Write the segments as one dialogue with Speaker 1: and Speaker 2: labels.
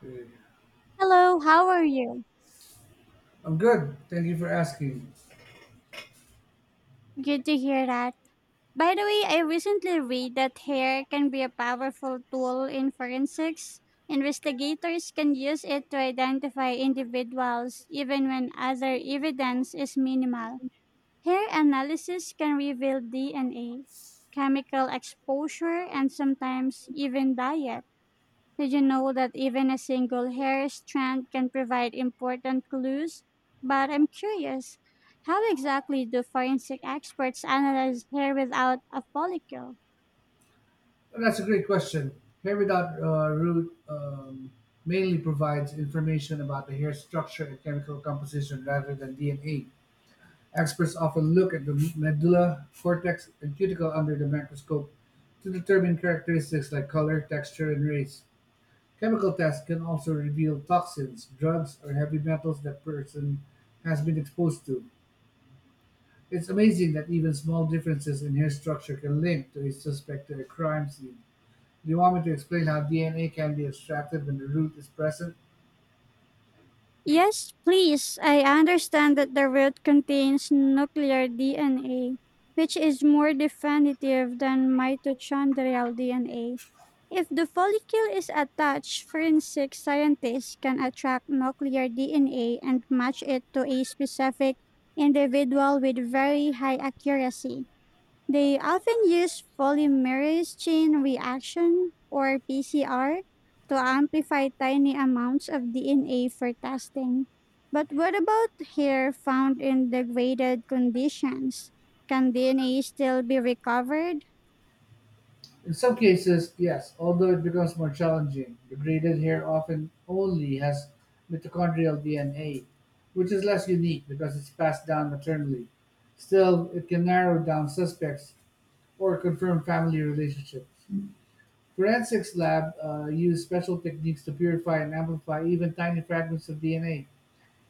Speaker 1: Good.
Speaker 2: Hello, how are you?
Speaker 1: I'm good. Thank you for asking.
Speaker 2: Good to hear that. By the way, I recently read that hair can be a powerful tool in forensics. Investigators can use it to identify individuals even when other evidence is minimal. Hair analysis can reveal DNA, chemical exposure, and sometimes even diet. Did you know that even a single hair strand can provide important clues? But I'm curious, how exactly do forensic experts analyze hair without a follicle?
Speaker 1: Well, that's a great question. Hair without root mainly provides information about the hair structure and chemical composition rather than DNA. Experts often look at the medulla, cortex, and cuticle under the microscope to determine characteristics like color, texture, and race. Chemical tests can also reveal toxins, drugs, or heavy metals that person has been exposed to. It's amazing that even small differences in hair structure can link to a suspect to a crime scene. Do you want me to explain how DNA can be extracted when the root is present?
Speaker 2: Yes, please. I understand that the root contains nuclear DNA, which is more definitive than mitochondrial DNA. If the follicle is attached, forensic scientists can attract nuclear DNA and match it to a specific individual with very high accuracy. They often use polymerase chain reaction or PCR to amplify tiny amounts of DNA for testing. But what about hair found in degraded conditions? Can DNA still be recovered?
Speaker 1: In some cases, yes, although it becomes more challenging. The braided hair often only has mitochondrial DNA, which is less unique because it's passed down maternally. Still, it can narrow down suspects or confirm family relationships. Forensics lab use special techniques to purify and amplify even tiny fragments of DNA.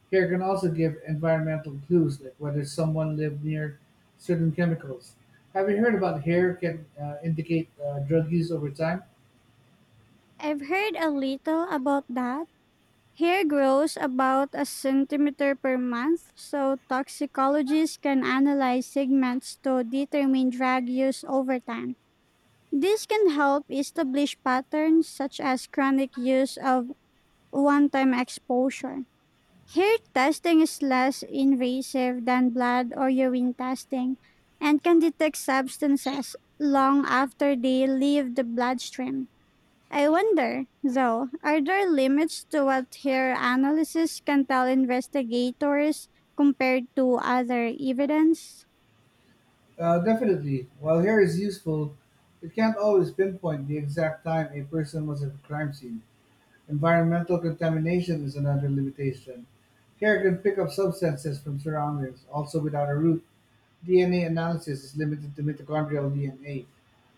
Speaker 1: Care can also give environmental clues like whether someone lived near certain chemicals. Have you heard about hair can indicate drug use over time?
Speaker 2: I've heard a little about that. Hair grows about a centimeter per month, so toxicologists can analyze segments to determine drug use over time. This can help establish patterns such as chronic use of one time exposure. Hair testing is less invasive than blood or urine testing and can detect substances long after they leave the bloodstream. I wonder, though, are there limits to what hair analysis can tell investigators compared to other evidence?
Speaker 1: Definitely. While hair is useful, it can't always pinpoint the exact time a person was at a crime scene. Environmental contamination is another limitation. Hair can pick up substances from surroundings, also without a root. DNA analysis is limited to mitochondrial DNA,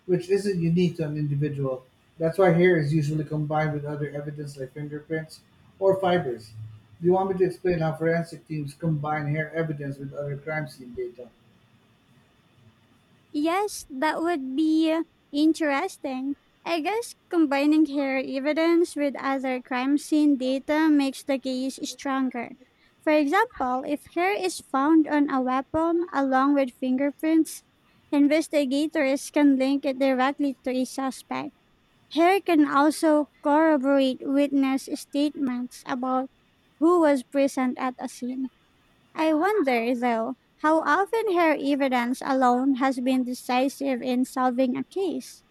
Speaker 1: which isn't unique to an individual. That's why hair is usually combined with other evidence like fingerprints or fibers. Do you want me to explain how forensic teams combine hair evidence with other crime scene data?
Speaker 2: Yes, that would be interesting. I guess combining hair evidence with other crime scene data makes the case stronger. For example, if hair is found on a weapon along with fingerprints, investigators can link it directly to a suspect. Hair can also corroborate witness statements about who was present at a scene. I wonder, though, how often her evidence alone has been decisive in solving a case.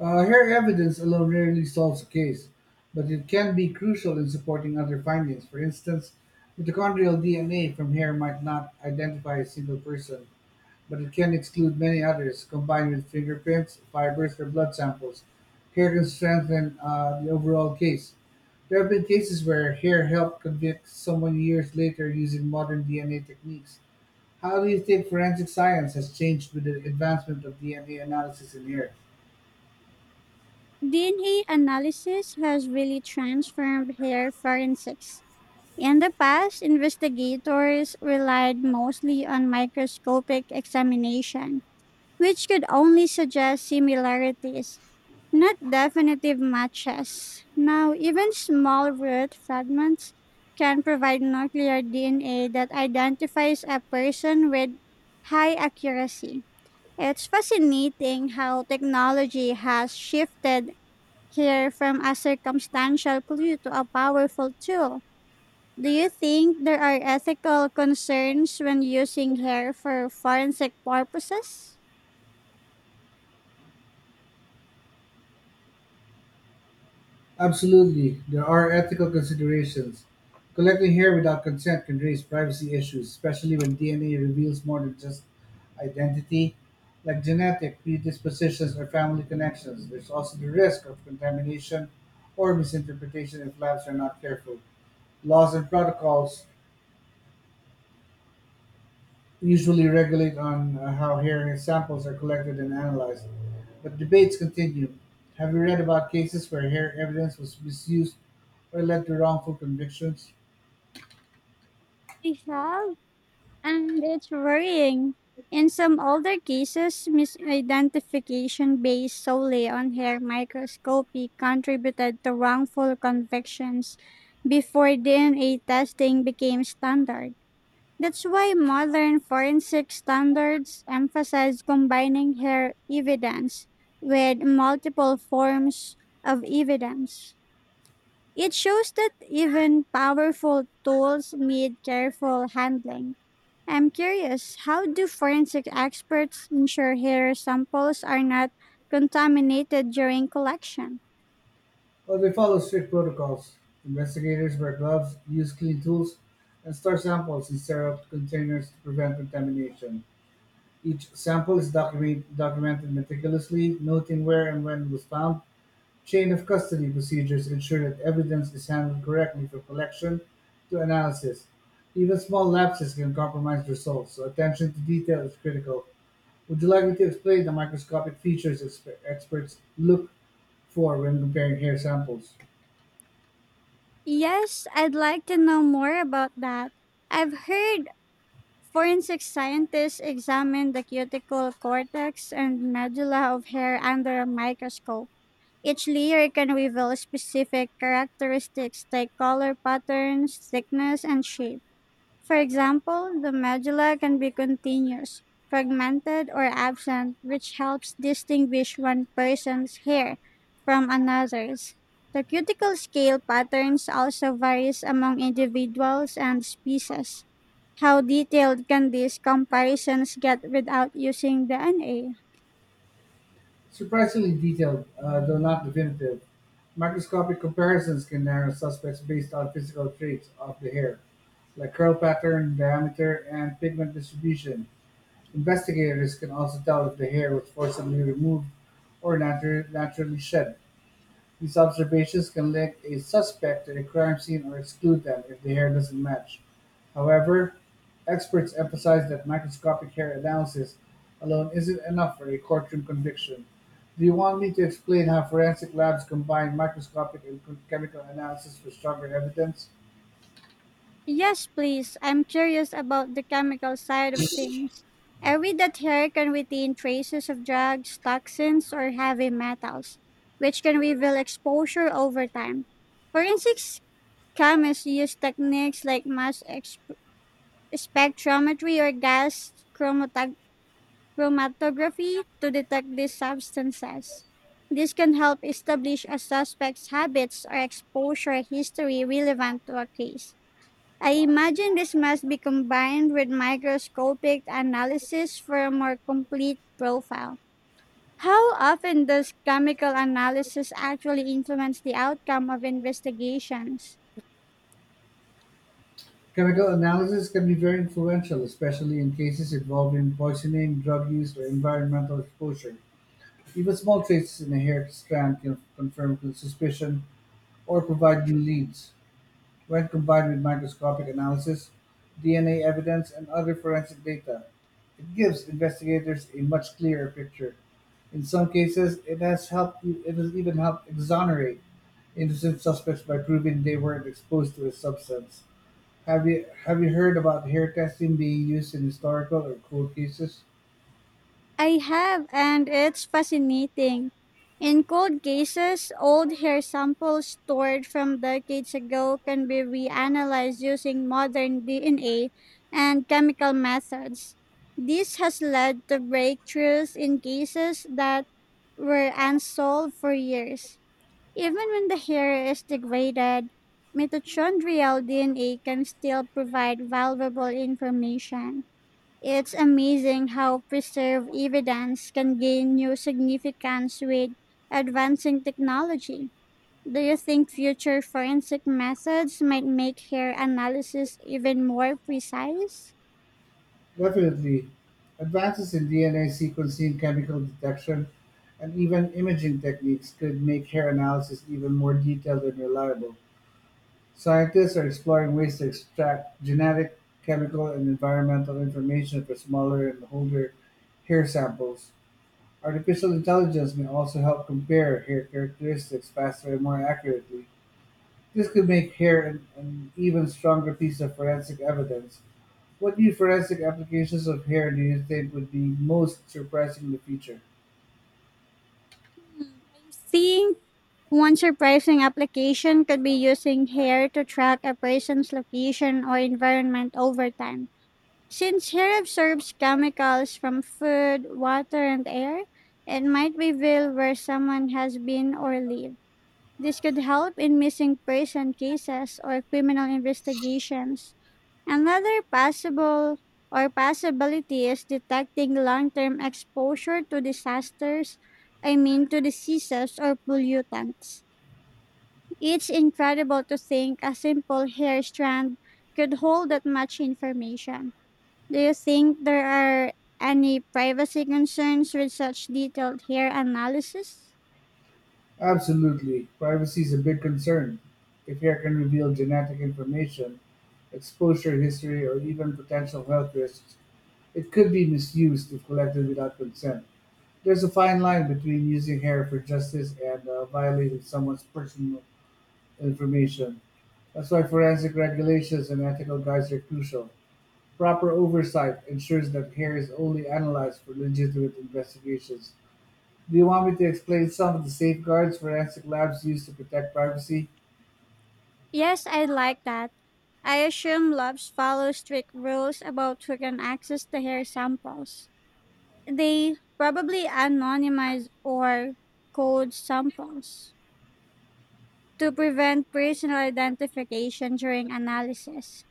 Speaker 1: Hair evidence alone rarely solves a case, but it can be crucial in supporting other findings. For instance, mitochondrial DNA from hair might not identify a single person, but it can exclude many others. Combined with fingerprints, fibers, or blood samples, hair can strengthen the overall case. There have been cases where hair helped convict someone years later using modern DNA techniques. How do you think forensic science has changed with the advancement of DNA analysis in hair?
Speaker 2: DNA analysis has really transformed hair forensics. In the past, investigators relied mostly on microscopic examination, which could only suggest similarities, not definitive matches. Now, even small root fragments can provide nuclear DNA that identifies a person with high accuracy. It's fascinating how technology has shifted here from a circumstantial clue to a powerful tool. Do you think there are ethical concerns when using hair for forensic purposes?
Speaker 1: Absolutely, there are ethical considerations. Collecting hair without consent can raise privacy issues, especially when DNA reveals more than just identity, like genetic predispositions or family connections. There's also the risk of contamination or misinterpretation if labs are not careful. Laws and protocols usually regulate on how hair samples are collected and analyzed. But debates continue. Have you read about cases where hair evidence was misused or led to wrongful convictions?
Speaker 2: I have, and it's worrying. In some older cases, misidentification based solely on hair microscopy contributed to wrongful convictions before DNA testing became standard. That's why modern forensic standards emphasize combining hair evidence with multiple forms of evidence. It shows that even powerful tools need careful handling. I'm curious, how do forensic experts ensure hair samples are not contaminated during collection?
Speaker 1: Well, they follow strict protocols. Investigators wear gloves, use clean tools, and store samples in sterile containers to prevent contamination. Each sample is documented meticulously, noting where and when it was found. Chain-of-custody procedures ensure that evidence is handled correctly from collection to analysis. Even small lapses can compromise results, so attention to detail is critical. Would you like me to explain the microscopic features experts look for when comparing hair samples?
Speaker 2: Yes, I'd like to know more about that. I've heard forensic scientists examine the cuticle cortex and medulla of hair under a microscope. Each layer can reveal specific characteristics like color patterns, thickness, and shape. For example, the medulla can be continuous, fragmented, or absent, which helps distinguish one person's hair from another's. The cuticle scale patterns also varies among individuals and species. How detailed can these comparisons get without using DNA?
Speaker 1: Surprisingly detailed, though not definitive, microscopic comparisons can narrow suspects based on physical traits of the hair, like curl pattern, diameter, and pigment distribution. Investigators can also tell if the hair was forcibly removed or naturally shed. These observations can link a suspect to a crime scene or exclude them if the hair doesn't match. However, experts emphasize that microscopic hair analysis alone isn't enough for a courtroom conviction. Do you want me to explain how forensic labs combine microscopic and chemical analysis for stronger evidence?
Speaker 2: Yes, please. I'm curious about the chemical side of things. I read that hair can retain traces of drugs, toxins, or heavy metals, which can reveal exposure over time. Forensics chemists use techniques like spectrometry or chromatography to detect these substances. This can help establish a suspect's habits or exposure history relevant to a case. I imagine this must be combined with microscopic analysis for a more complete profile. How often does chemical analysis actually influence the outcome of investigations?
Speaker 1: Chemical analysis can be very influential, especially in cases involving poisoning, drug use, or environmental exposure. Even small traces in a hair strand can confirm suspicion or provide new leads. When combined with microscopic analysis, DNA evidence, and other forensic data, it gives investigators a much clearer picture. In some cases, it has helped. It has even helped exonerate innocent suspects by proving they weren't exposed to a substance. Have you heard about hair testing being used in historical or cold cases?
Speaker 2: I have, and it's fascinating. In cold cases, old hair samples stored from decades ago can be reanalyzed using modern DNA and chemical methods. This has led to breakthroughs in cases that were unsolved for years. Even when the hair is degraded, mitochondrial DNA can still provide valuable information. It's amazing how preserved evidence can gain new significance with advancing technology. Do you think future forensic methods might make hair analysis even more precise?
Speaker 1: Definitely. Advances in DNA sequencing, chemical detection, and even imaging techniques could make hair analysis even more detailed and reliable. Scientists are exploring ways to extract genetic, chemical, and environmental information for smaller and older hair samples. Artificial intelligence may also help compare hair characteristics faster and more accurately. This could make hair an even stronger piece of forensic evidence. What new forensic applications of hair do you think would be most surprising in the future?
Speaker 2: I think one surprising application could be using hair to track a person's location or environment over time. Since hair absorbs chemicals from food, water, and air, it might reveal where someone has been or lived. This could help in missing person cases or criminal investigations. Another possible or possibility is detecting long-term exposure to disasters, I mean to diseases or pollutants. It's incredible to think a simple hair strand could hold that much information. Do you think there are any privacy concerns with such detailed hair analysis?
Speaker 1: Absolutely. Privacy is a big concern. If hair can reveal genetic information, exposure history, or even potential health risks, it could be misused if collected without consent. There's a fine line between using hair for justice and violating someone's personal information. That's why forensic regulations and ethical guides are crucial. Proper oversight ensures that hair is only analyzed for legitimate investigations. Do you want me to explain some of the safeguards forensic labs use to protect privacy?
Speaker 2: Yes, I like that. I assume labs follow strict rules about who can access the hair samples. They probably anonymize or code samples to prevent personal identification during analysis.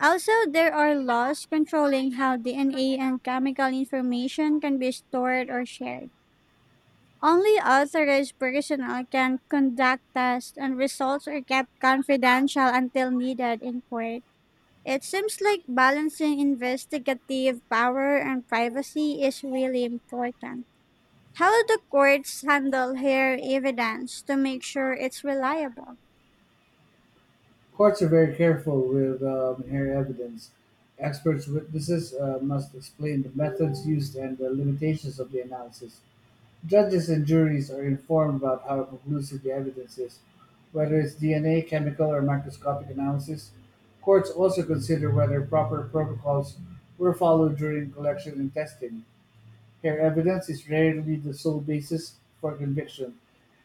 Speaker 2: Also, there are laws controlling how DNA and chemical information can be stored or shared. Only authorized personnel can conduct tests, and results are kept confidential until needed in court. It seems like balancing investigative power and privacy is really important. How do courts handle hair evidence to make sure it's reliable?
Speaker 1: Courts are very careful with hair evidence. Experts witnesses must explain the methods used and the limitations of the analysis. Judges and juries are informed about how conclusive the evidence is, whether it's DNA, chemical, or microscopic analysis. Courts also consider whether proper protocols were followed during collection and testing. Hair evidence is rarely the sole basis for conviction.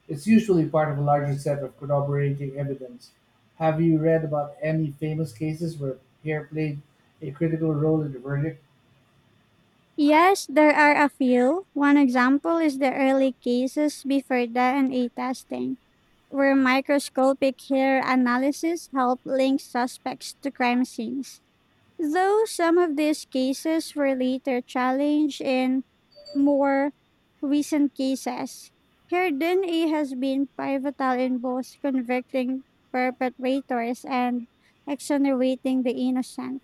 Speaker 1: It's usually part of a larger set of corroborating evidence. Have you read about any famous cases where hair played a critical role in the verdict?
Speaker 2: Yes, there are a few. One example is the early cases before DNA testing, where microscopic hair analysis helped link suspects to crime scenes. Though some of these cases were later challenged in more recent cases, her DNA has been pivotal in both convicting perpetrators and exonerating the innocent.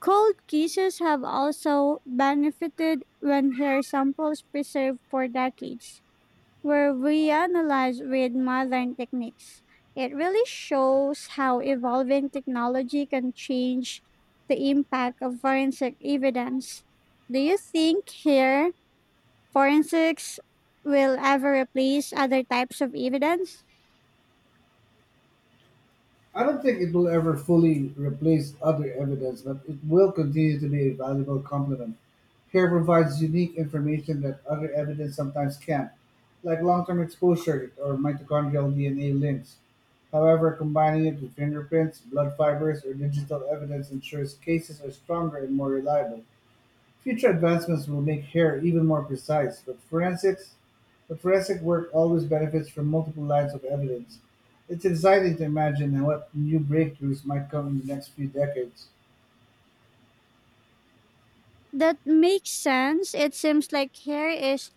Speaker 2: Cold cases have also benefited when hair samples preserved for decades where we analyze with modern techniques. It really shows how evolving technology can change the impact of forensic evidence. Do you think here forensics will ever replace other types of evidence?
Speaker 1: I don't think it will ever fully replace other evidence, but it will continue to be a valuable complement. Hair provides unique information that other evidence sometimes can't, like long term exposure or mitochondrial DNA links. However, combining it with fingerprints, blood fibers, or digital evidence ensures cases are stronger and more reliable. Future advancements will make hair even more precise, but forensic work always benefits from multiple lines of evidence. It's exciting to imagine what new breakthroughs might come in the next few decades.
Speaker 2: That makes sense. It seems like here is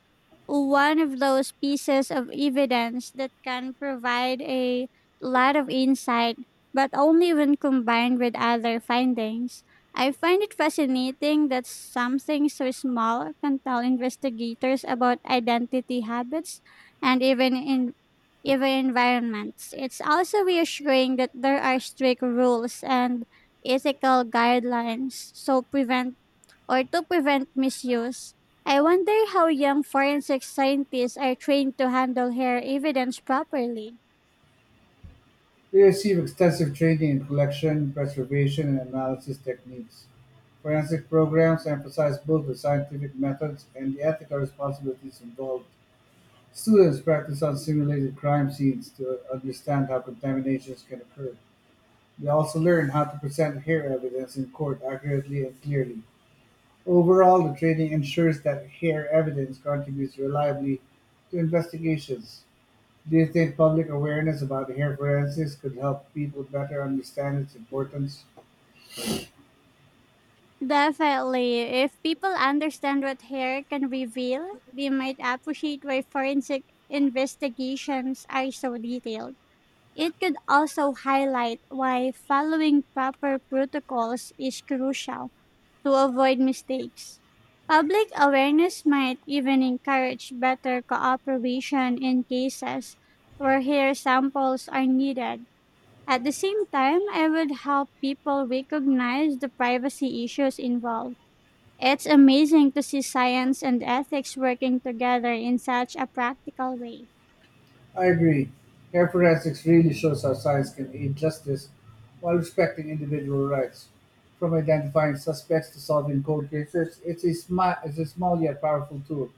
Speaker 2: one of those pieces of evidence that can provide a lot of insight, but only when combined with other findings. I find it fascinating that something so small can tell investigators about identity habits and even environments. It's also reassuring that there are strict rules and ethical guidelines so prevent or to prevent misuse. I wonder how young forensic scientists are trained to handle hair evidence properly.
Speaker 1: We receive extensive training in collection, preservation, and analysis techniques. Forensic programs emphasize both the scientific methods and the ethical responsibilities involved. Students practice on simulated crime scenes to understand how contaminations can occur. They also learn how to present hair evidence in court accurately and clearly. Overall, the training ensures that hair evidence contributes reliably to investigations. Do you think public awareness about hair forensics could help people better understand its importance?
Speaker 2: Definitely, if people understand what hair can reveal, they might appreciate why forensic investigations are so detailed. It could also highlight why following proper protocols is crucial to avoid mistakes. Public awareness might even encourage better cooperation in cases where hair samples are needed. At the same time, I would help people recognize the privacy issues involved. It's amazing to see science and ethics working together in such a practical way.
Speaker 1: I agree. Hair forensics really shows how science can aid justice while respecting individual rights. From identifying suspects to solving cold cases, it's a small yet powerful tool.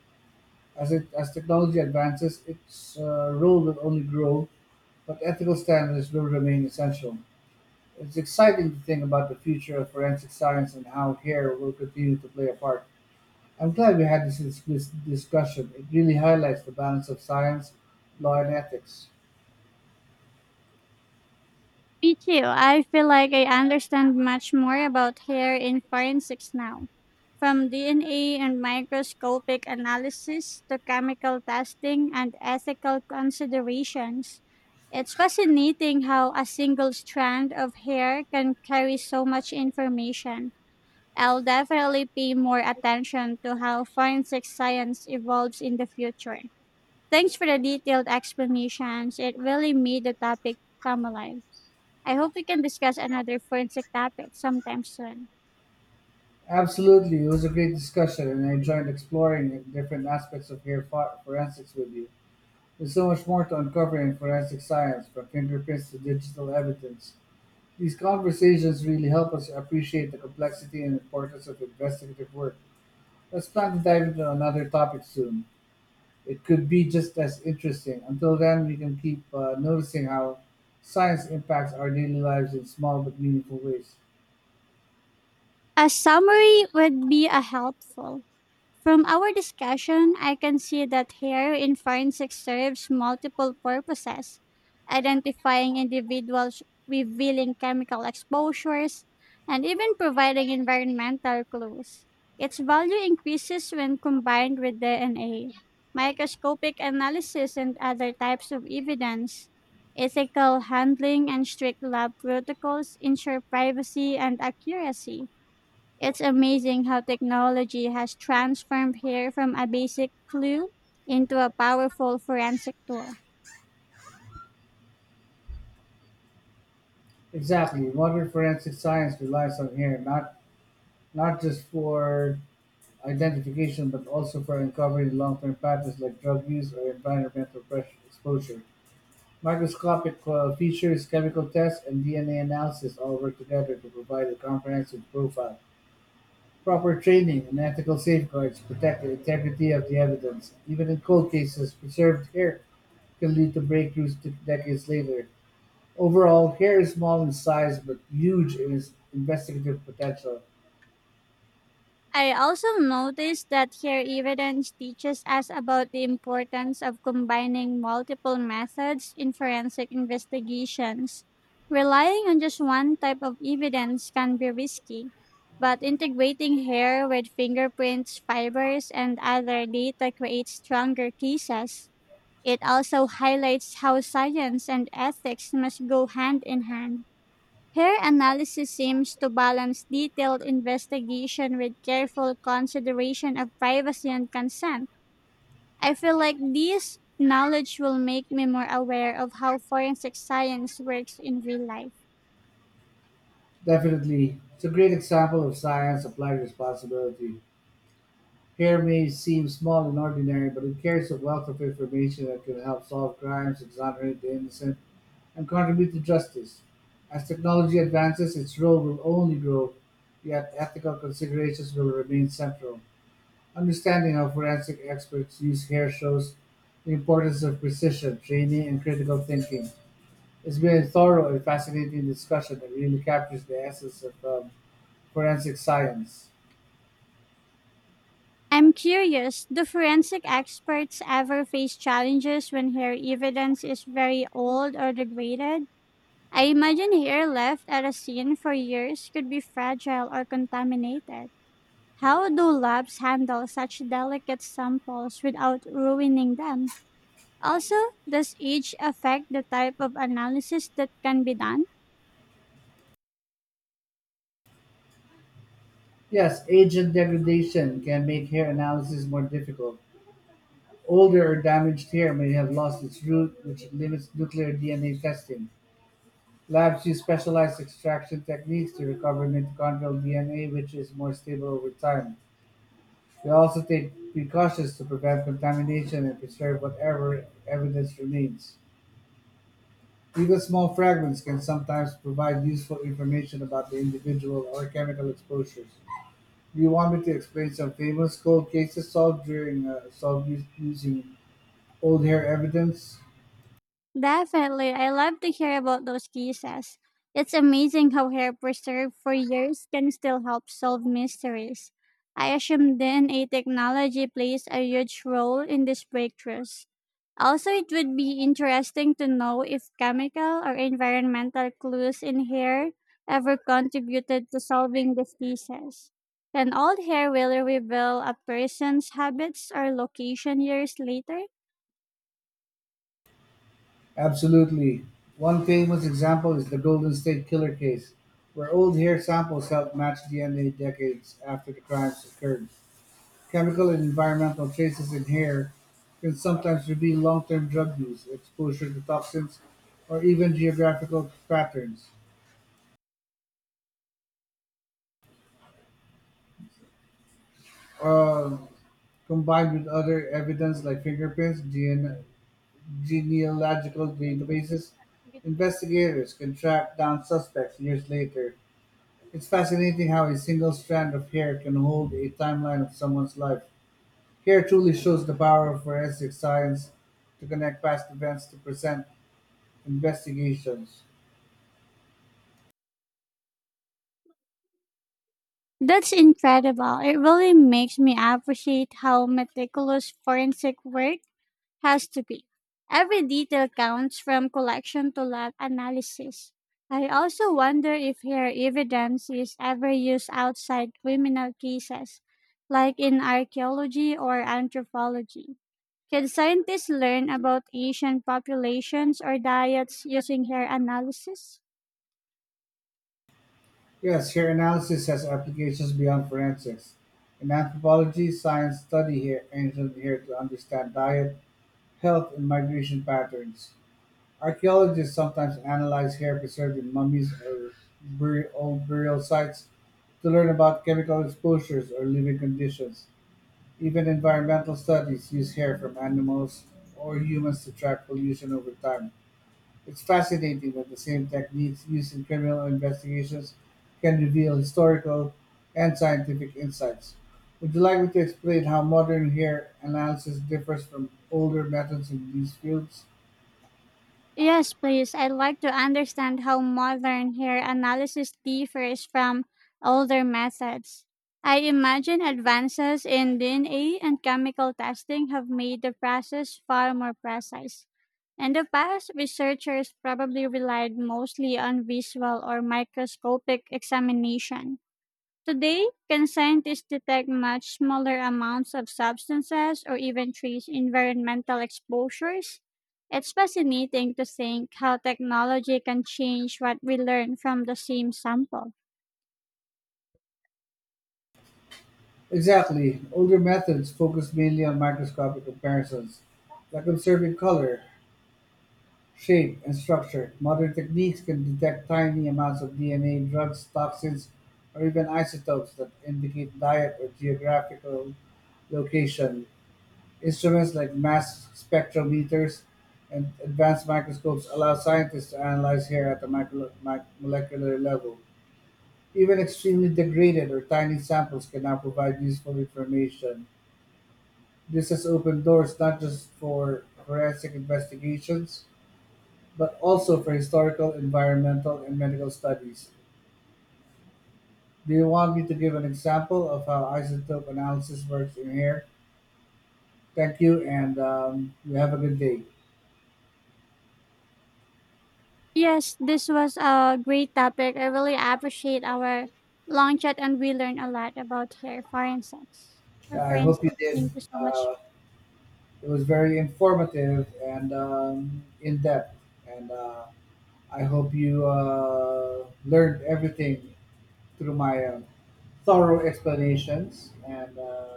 Speaker 1: As technology advances, its role will only grow, but ethical standards will remain essential. It's exciting to think about the future of forensic science and how hair will continue to play a part. I'm glad we had this discussion. It really highlights the balance of science, law, and ethics.
Speaker 2: Me too. I feel like I understand much more about hair in forensics now. From DNA and microscopic analysis to chemical testing and ethical considerations, it's fascinating how a single strand of hair can carry so much information. I'll definitely pay more attention to how forensic science evolves in the future. Thanks for the detailed explanations. It really made the topic come alive. I hope we can discuss another forensic topic sometime soon.
Speaker 1: Absolutely, it was a great discussion, and I enjoyed exploring different aspects of hair forensics with you. There's so much more to uncover in forensic science, from fingerprints to digital evidence. These conversations really help us appreciate the complexity and importance of investigative work. Let's plan to dive into another topic soon. It could be just as interesting. Until then, we can keep noticing how science impacts our daily lives in small but meaningful ways.
Speaker 2: A summary would be a helpful. From our discussion, I can see that hair in forensics serves multiple purposes: identifying individuals, revealing chemical exposures, and even providing environmental clues. Its value increases when combined with DNA, microscopic analysis, and other types of evidence. Ethical handling and strict lab protocols ensure privacy and accuracy. It's amazing how technology has transformed hair from a basic clue into a powerful forensic tool.
Speaker 1: Exactly. Modern forensic science relies on hair, not just for identification, but also for uncovering long-term patterns like drug use or environmental pressure exposure. Microscopic features, chemical tests, and DNA analysis all work together to provide a comprehensive profile. Proper training and ethical safeguards protect the integrity of the evidence. Even in cold cases, preserved hair can lead to breakthroughs decades later. Overall, hair is small in size but huge in its investigative potential.
Speaker 2: I also noticed that hair evidence teaches us about the importance of combining multiple methods in forensic investigations. Relying on just one type of evidence can be risky, but integrating hair with fingerprints, fibers, and other data creates stronger cases. It also highlights how science and ethics must go hand in hand. Her analysis seems to balance detailed investigation with careful consideration of privacy and consent. I feel like this knowledge will make me more aware of how forensic science works in real life.
Speaker 1: Definitely, it's a great example of science applied responsibility. Here may seem small and ordinary, but it carries a wealth of information that can help solve crimes, exonerate the innocent, and contribute to justice. As technology advances, its role will only grow, yet ethical considerations will remain central. Understanding how forensic experts use hair shows the importance of precision, training, and critical thinking. It's been a thorough and fascinating discussion that really captures the essence of forensic science.
Speaker 2: I'm curious, do forensic experts ever face challenges when hair evidence is very old or degraded? I imagine hair left at a scene for years could be fragile or contaminated. How do labs handle such delicate samples without ruining them? Also, does age affect the type of analysis that can be done?
Speaker 1: Yes, agent degradation can make hair analysis more difficult. Older or damaged hair may have lost its root, which limits nuclear DNA testing. Labs use specialized extraction techniques to recover mitochondrial DNA, which is more stable over time. They also take precautions to prevent contamination and preserve whatever evidence remains. Even small fragments can sometimes provide useful information about the individual or chemical exposures. Do you want me to explain some famous cold cases solved during using old hair evidence?
Speaker 2: Definitely. I love to hear about those cases. It's amazing how hair preserved for years can still help solve mysteries. I assume DNA technology plays a huge role in these breakthroughs. Also, it would be interesting to know if chemical or environmental clues in hair ever contributed to solving these cases. Can old hair really reveal a person's habits or location years later?
Speaker 1: Absolutely. One famous example is the Golden State Killer case, where old hair samples helped match DNA decades after the crimes occurred. Chemical and environmental traces in hair can sometimes reveal long-term drug use, exposure to toxins, or even geographical patterns. Um, Combined with other evidence like fingerprints, DNA, genealogical databases, investigators can track down suspects years later. It's fascinating how a single strand of hair can hold a timeline of someone's life. Hair truly shows the power of forensic science to connect past events to present investigations.
Speaker 2: That's incredible. It really makes me appreciate how meticulous forensic work has to be. Every detail counts from collection to lab analysis. I also wonder if hair evidence is ever used outside criminal cases, like in archaeology or anthropology. Can scientists learn about Asian populations or diets using hair analysis?
Speaker 1: Yes, hair analysis has applications beyond forensics. In anthropology, science study hair, ancient hair to understand diet, health, and migration patterns. Archaeologists sometimes analyze hair preserved in mummies or old burial sites to learn about chemical exposures or living conditions. Even environmental studies use hair from animals or humans to track pollution over time. It's fascinating that the same techniques used in criminal investigations can reveal historical and scientific insights. Would you like me to explain how modern hair analysis differs from older methods in these fields?
Speaker 2: Yes, please. I'd like to understand how modern hair analysis differs from older methods. I imagine advances in DNA and chemical testing have made the process far more precise. In the past, researchers probably relied mostly on visual or microscopic examination. Today, can scientists detect much smaller amounts of substances or even trace environmental exposures? It's fascinating to think how technology can change what we learn from the same sample.
Speaker 1: Exactly. Older methods focused mainly on microscopic comparisons, like observing color, shape, and structure. Modern techniques can detect tiny amounts of DNA, drugs, toxins, or even isotopes that indicate diet or geographical location. Instruments like mass spectrometers and advanced microscopes allow scientists to analyze hair at the molecular level. Even extremely degraded or tiny samples can now provide useful information. This has opened doors not just for forensic investigations, but also for historical, environmental, and medical studies. Do you want me to give an example of how isotope analysis works in here? Thank you, and you have a good day.
Speaker 2: Yes, this was a great topic. I really appreciate our long chat and we learned a lot about hair science.
Speaker 1: I hope you
Speaker 2: References.
Speaker 1: did.
Speaker 2: Thank you so much.
Speaker 1: Uh, it was very informative and in depth, and I hope you learned everything through my thorough explanations and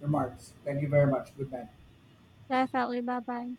Speaker 1: remarks. Thank you very much. Good night.
Speaker 2: Definitely. Bye bye.